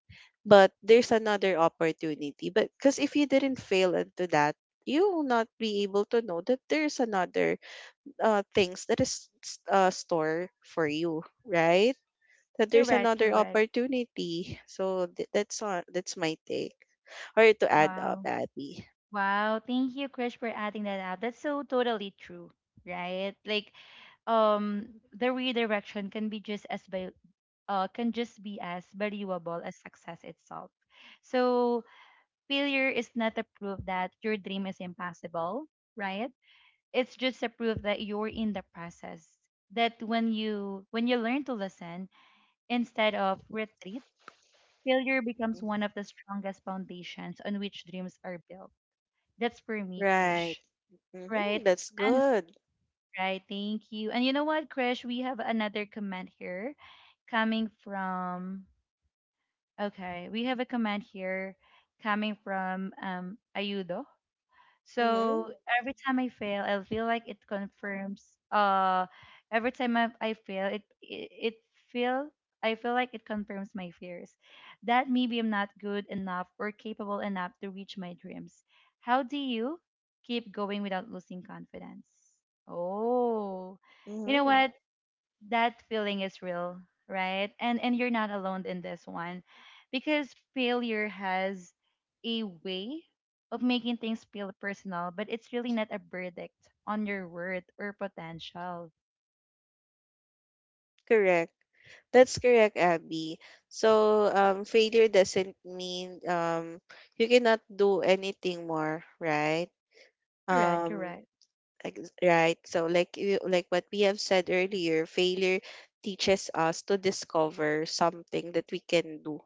but there's another opportunity, but because if you didn't fail into that, you will not be able to know that there's another uh, things that is s- uh, store for you, right, that there's
Correct.
another
Correct.
opportunity. So th- that's on that's my take or to add up,
Wow.
Abby.
Wow. Thank you, Krish, for adding that out. That's so totally true. Right? Like um the redirection can be just as val- uh can just be as valuable as success itself. So failure is not a proof that your dream is impossible, right? It's just a proof that you're in the process. That when you when you learn to listen instead of retreat, failure becomes one of the strongest foundations on which dreams are built. That's for me,
Right.
Krish. Right?
mm-hmm. That's
And
good.
right, thank you. And you know what, Krish? We have another comment here coming from okay, we have a comment here coming from um Ayudo. So
Mm-hmm.
every time I fail, I feel like it confirms. Uh, every time I, I fail, it, it it feel I feel like it confirms my fears, that maybe I'm not good enough or capable enough to reach my dreams. How do you keep going without losing confidence? Oh, you know
Mm-hmm.
what? That feeling is real, right, and and you're not alone in this one, because failure has a way of making things feel personal, but it's really not a verdict on your worth or potential.
Correct. That's correct, Abby. So, um, failure doesn't mean um, you cannot do anything more, right?
Correct,
Um,
correct,
ex- right. So, like you, like what we have said earlier, failure teaches us to discover something that we can do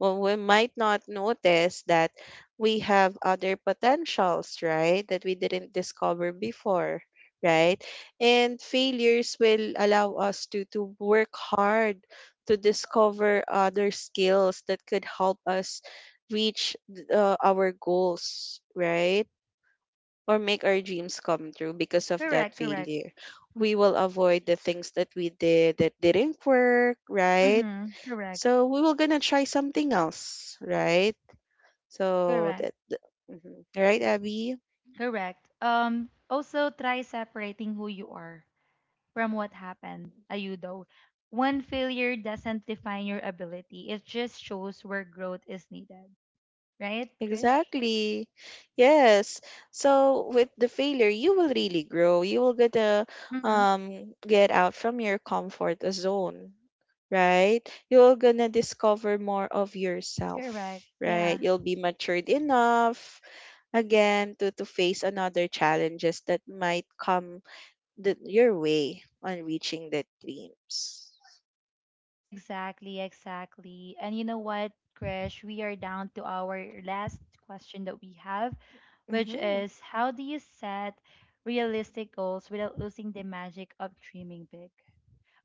well, we might not notice that we have other potentials, right? That we didn't discover before, right? And failures will allow us to, to work hard to discover other skills that could help us reach th- uh, our goals, right? Or make our dreams come true because of that
correct, correct.
failure. We will avoid the things that we did that didn't work, right?
Mm-hmm, correct,
So we were gonna try something else, right? So
correct,
that, th- mhm. Right, Abby?
correct. Um also, try separating who you are from what happened, Ayudo. One failure doesn't define your ability, it just shows where growth is needed, right, Krish?
Exactly. Yes. So with the failure, you will really grow. You will get to
Mm-hmm.
um get out from your comfort zone, right? You're gonna discover more of yourself,
Correct.
right?
Yeah,
You'll be matured enough again to to face another challenges that might come the, your way on reaching the dreams.
exactly, exactly. And you know what, Krish, we are down to our last question that we have, which
Mm-hmm.
is how do you set realistic goals without losing the magic of dreaming big?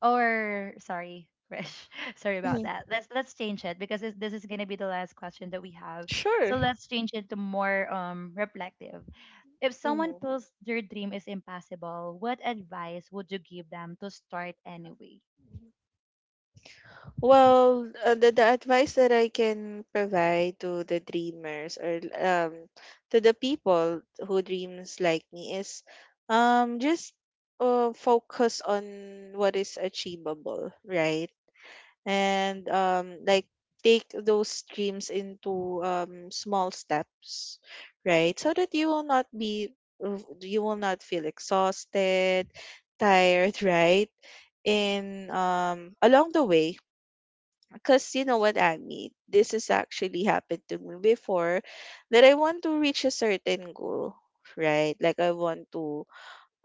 Or sorry, Krish, sorry about
hmm
that. Let's let's change it because this, this is gonna be the last question that we have.
Sure.
So let's change it to more um reflective. If someone
hmm
feels their dream is impossible, what advice would you give them to start anyway?
Well, uh, the, the advice that I can provide to the dreamers or um to the people who dreams like me is um just uh, focus on what is achievable, right? And um like take those dreams into um small steps, right, so that you will not be uh, you will not feel exhausted, tired, right, in um along the way. Because you know what, Agni, this has actually happened to me before, that I want to reach a certain goal, right? Like I want to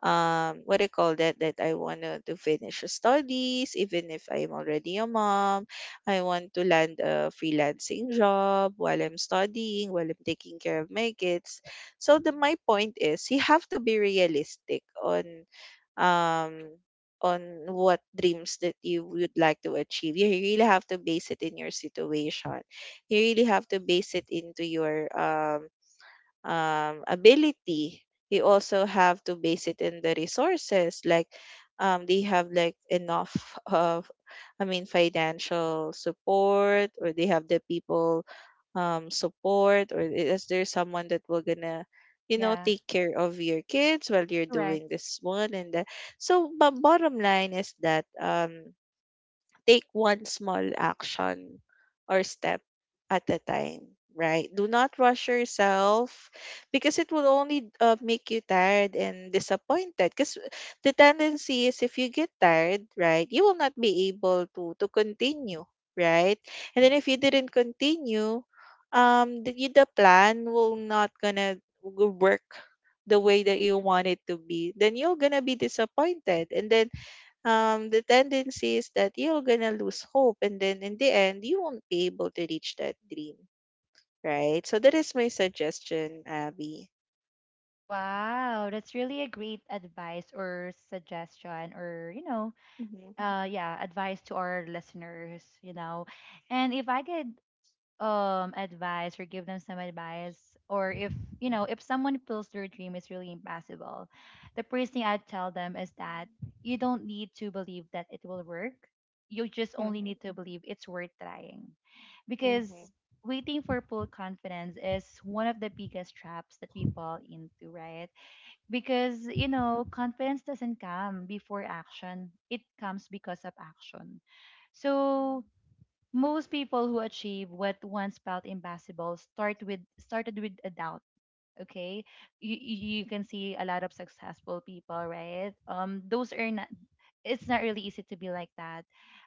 um what do you call that that I want to finish studies even if I'm already a mom. I want to land a freelancing job while I'm studying, while I'm taking care of my kids. So the my point is, you have to be realistic on um on what dreams that you would like to achieve. You really have to base it in your situation. You really have to base it into your um um, ability. You also have to base it in the resources. Like, um, they have like enough of, I mean, financial support, or they have the people um support, or is there someone that will gonna, you know,
Yeah,
take care of your kids while you're
correct.
doing this one and that. So but bottom line is that um take one small action or step at a time, right? Do not rush yourself because it will only uh, make you tired and disappointed. Because the tendency is, if you get tired, right, you will not be able to to continue, right? And then if you didn't continue, um, the, the plan will not gonna work the way that you want it to be. Then you're gonna be disappointed, and then um, the tendency is that you're gonna lose hope, and then in the end, you won't be able to reach that dream, right? So that is my suggestion, Abby.
Wow, that's really a great advice or suggestion, or you know,
Mm-hmm.
uh yeah, advice to our listeners, you know. And if I could um advice or give them some advice, or if you know, if someone feels their dream is really impossible, the first thing I tell them is that you don't need to believe that it will work, you just only
Mm-hmm.
need to believe it's worth trying. Because
Mm-hmm.
waiting for full confidence is one of the biggest traps that we fall into, right? Because you know, confidence doesn't come before action, it comes because of action. So, most people who achieve what once felt impossible start with started with a doubt. Okay, you you you can see a lot of successful people, right? Um, those are not. It's not really easy to be like that,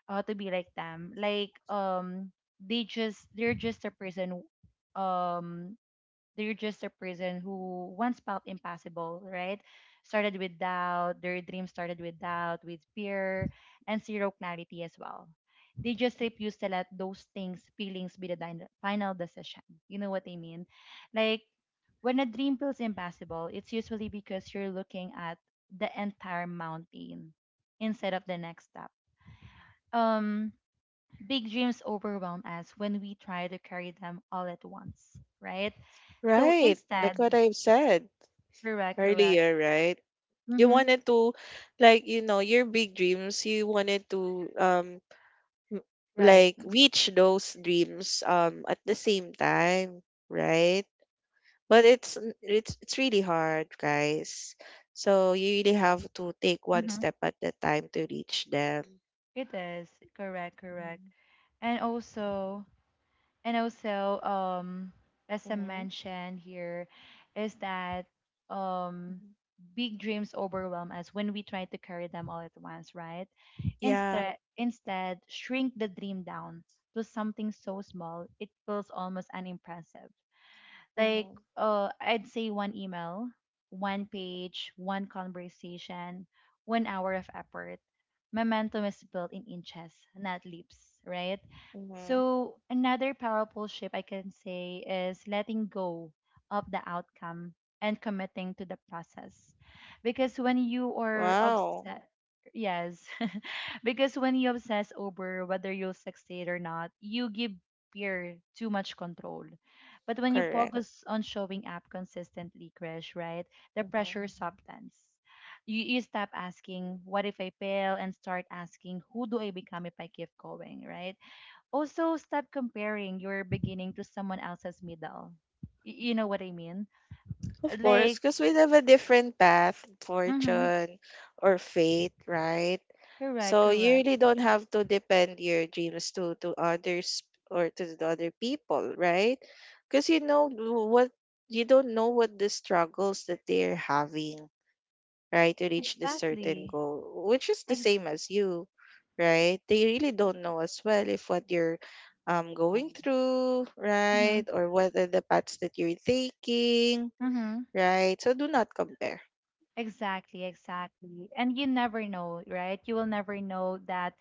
uh, to be like them. Like, um, they just, they're just a person, um, they're just a person who once felt impossible, right? Started with doubt, their dream started with doubt, with fear, and zero clarity as well. They just refuse to let those things, feelings be the din- final decision. You know what I mean? Like, when a dream feels impossible, it's usually because you're looking at the entire mountain instead of the next step. Um, Big dreams overwhelm us when we try to carry them all at once, right? So
Right,
instead,
like what I've said
correct, correct.
earlier, right? You
Mm-hmm.
wanted to, like, you know, your big dreams, you wanted to, um, m-
Right.
like, reach those dreams, um, at the same time, right? But it's n- it's it's really hard, guys. So you really have to take one
Mm-hmm.
step at a time to reach them.
It is. Correct, correct.
Mhm.
And also, and also, um, as I
Mm-hmm.
mentioned here, is that um,
Mhm.
big dreams overwhelm us when we try to carry them all at once, right?
Yeah,
Instead, instead, shrink the dream down to something so small it feels almost unimpressive. Like,
Mm-hmm.
uh, I'd say one email, one page, one conversation, one hour of effort. Momentum is built in inches, not leaps, right?
Mm-hmm.
So, another powerful shift I can say is letting go of the outcome and committing to the process. Because when you are
Wow.
upset, yes, because when you obsess over whether you'll succeed or not, you give fear too much control. But when you
Correct.
focus on showing up consistently, Krish, right, the
Mm-hmm.
pressure subtends. You, you stop asking, what if I fail? And start asking, who do I become if I keep going, right? Also, stop comparing your beginning to someone else's middle. Y- you know what I mean?
Of course,
Like,
because we have a different path,
mm-hmm,
fortune, or fate, right?
correct,
So you
correct.
really don't have to depend your dreams to to others or to the other people, right? Because you know w- what you don't know what the struggles that they're having, right, to reach the certain
Exactly.
goal, which is the
Ex-
same as you, right? They really don't know as well if what you're um
Um,
going through,
mm-hmm.
right, or what are the paths that you're taking,
Mm-hmm.
right? So do not compare.
Exactly, exactly. And you never know, right? You will never know that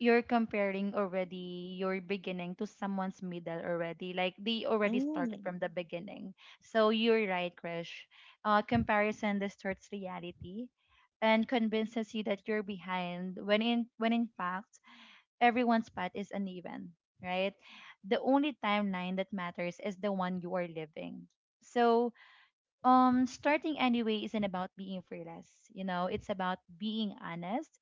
you're comparing already your beginning to someone's middle already, like they already
Mm.
started from the beginning. So you're right, Krish. Uh, comparison distorts reality and convinces you that you're behind, when in when in fact everyone's path is uneven, right? The only timeline that matters is the one you are living. So, um starting anyway isn't about being fearless, you know, it's about being honest.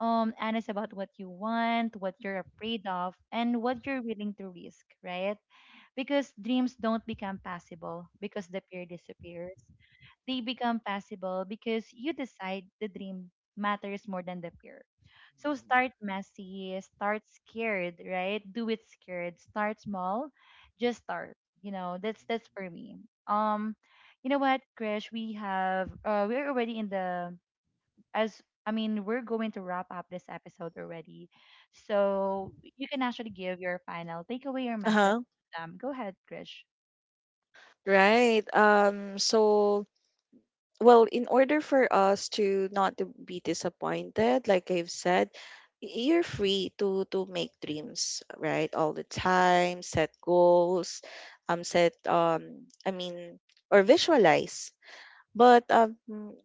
um Honest about what you want, what you're afraid of, and what you're willing to risk, right? Because dreams don't become possible because the fear disappears. They become possible because you decide the dream matters more than the fear. So start messy, start scared, right? Do it scared. Start small, just start. You know, that's that's for me. Um, you know what, Krish, we have uh we're already in the as I mean, we're going to wrap up this episode already. So you can actually give your final takeaway or message.
Uh-huh.
Um, go ahead, Grish.
Right. Um so well, in order for us to not to be disappointed, like I've said, y- you're free to to make dreams, right? All the time, set goals, um, set um, I mean, or visualize, but um,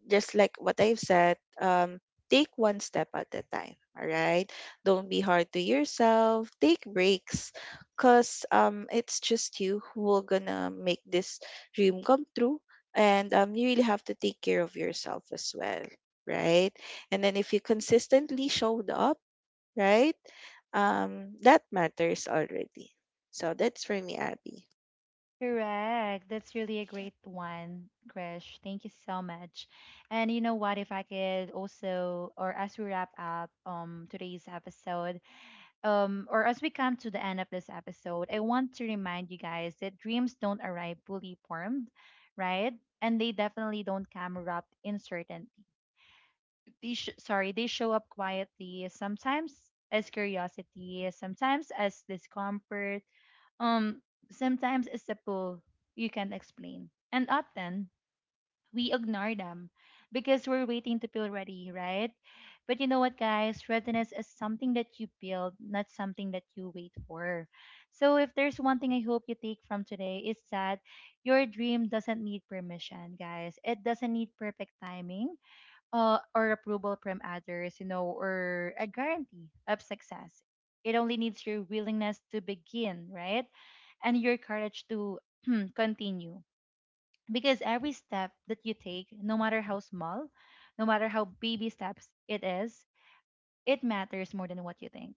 just like what I've said, um, take one step at a time. All right. Don't be hard to yourself. Take breaks, cause um, it's just you who are gonna make this dream come true. And um, you really have to take care of yourself as well, right? And then if you consistently showed up, right, um, that matters already. So that's for me, Abby.
Correct. That's really a great one, Krish. Thank you so much. And you know what? If I could also, or as we wrap up um today's episode, um, or as we come to the end of this episode, I want to remind you guys that dreams don't arrive fully formed, right? And they definitely don't come wrapped in certainty. They sh- sorry, they show up quietly, sometimes as curiosity, sometimes as discomfort, um, sometimes as a pull you can't explain. And often we ignore them because we're waiting to feel ready, right? But you know what, guys? Readiness is something that you build, not something that you wait for. So, if there's one thing I hope you take from today, it's that your dream doesn't need permission, guys. It doesn't need perfect timing, uh, or approval from others, you know, or a guarantee of success. It only needs your willingness to begin, right? And your courage to continue. Because every step that you take, no matter how small, no matter how baby steps it is, it matters more than what you think.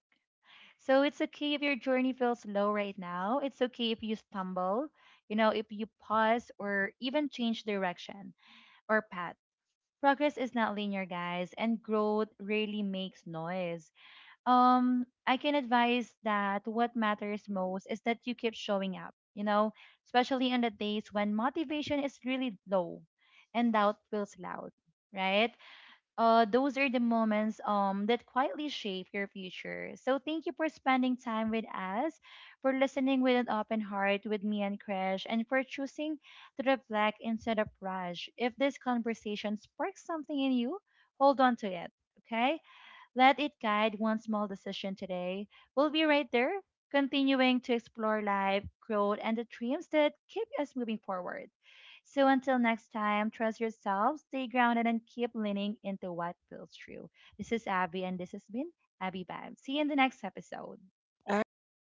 So it's okay if your journey feels slow right now. It's okay if you stumble, you know, if you pause or even change direction or path. Progress is not linear, guys, and growth rarely makes noise. Um, I can advise that what matters most is that you keep showing up, you know, especially on the days when motivation is really low and doubt feels loud, right? Uh, those are the moments um that quietly shape your future. So thank you for spending time with us, for listening with an open heart with me and Krish, and for choosing to reflect instead of rush. If this conversation sparks something in you, hold on to it. Okay? Let it guide one small decision today. We'll be right there, continuing to explore life, growth, and the dreams that keep us moving forward. So until next time, trust yourself, stay grounded, and keep leaning into what feels true. This is Abby, and this has been Abby Bab. See you in the next episode.
All right.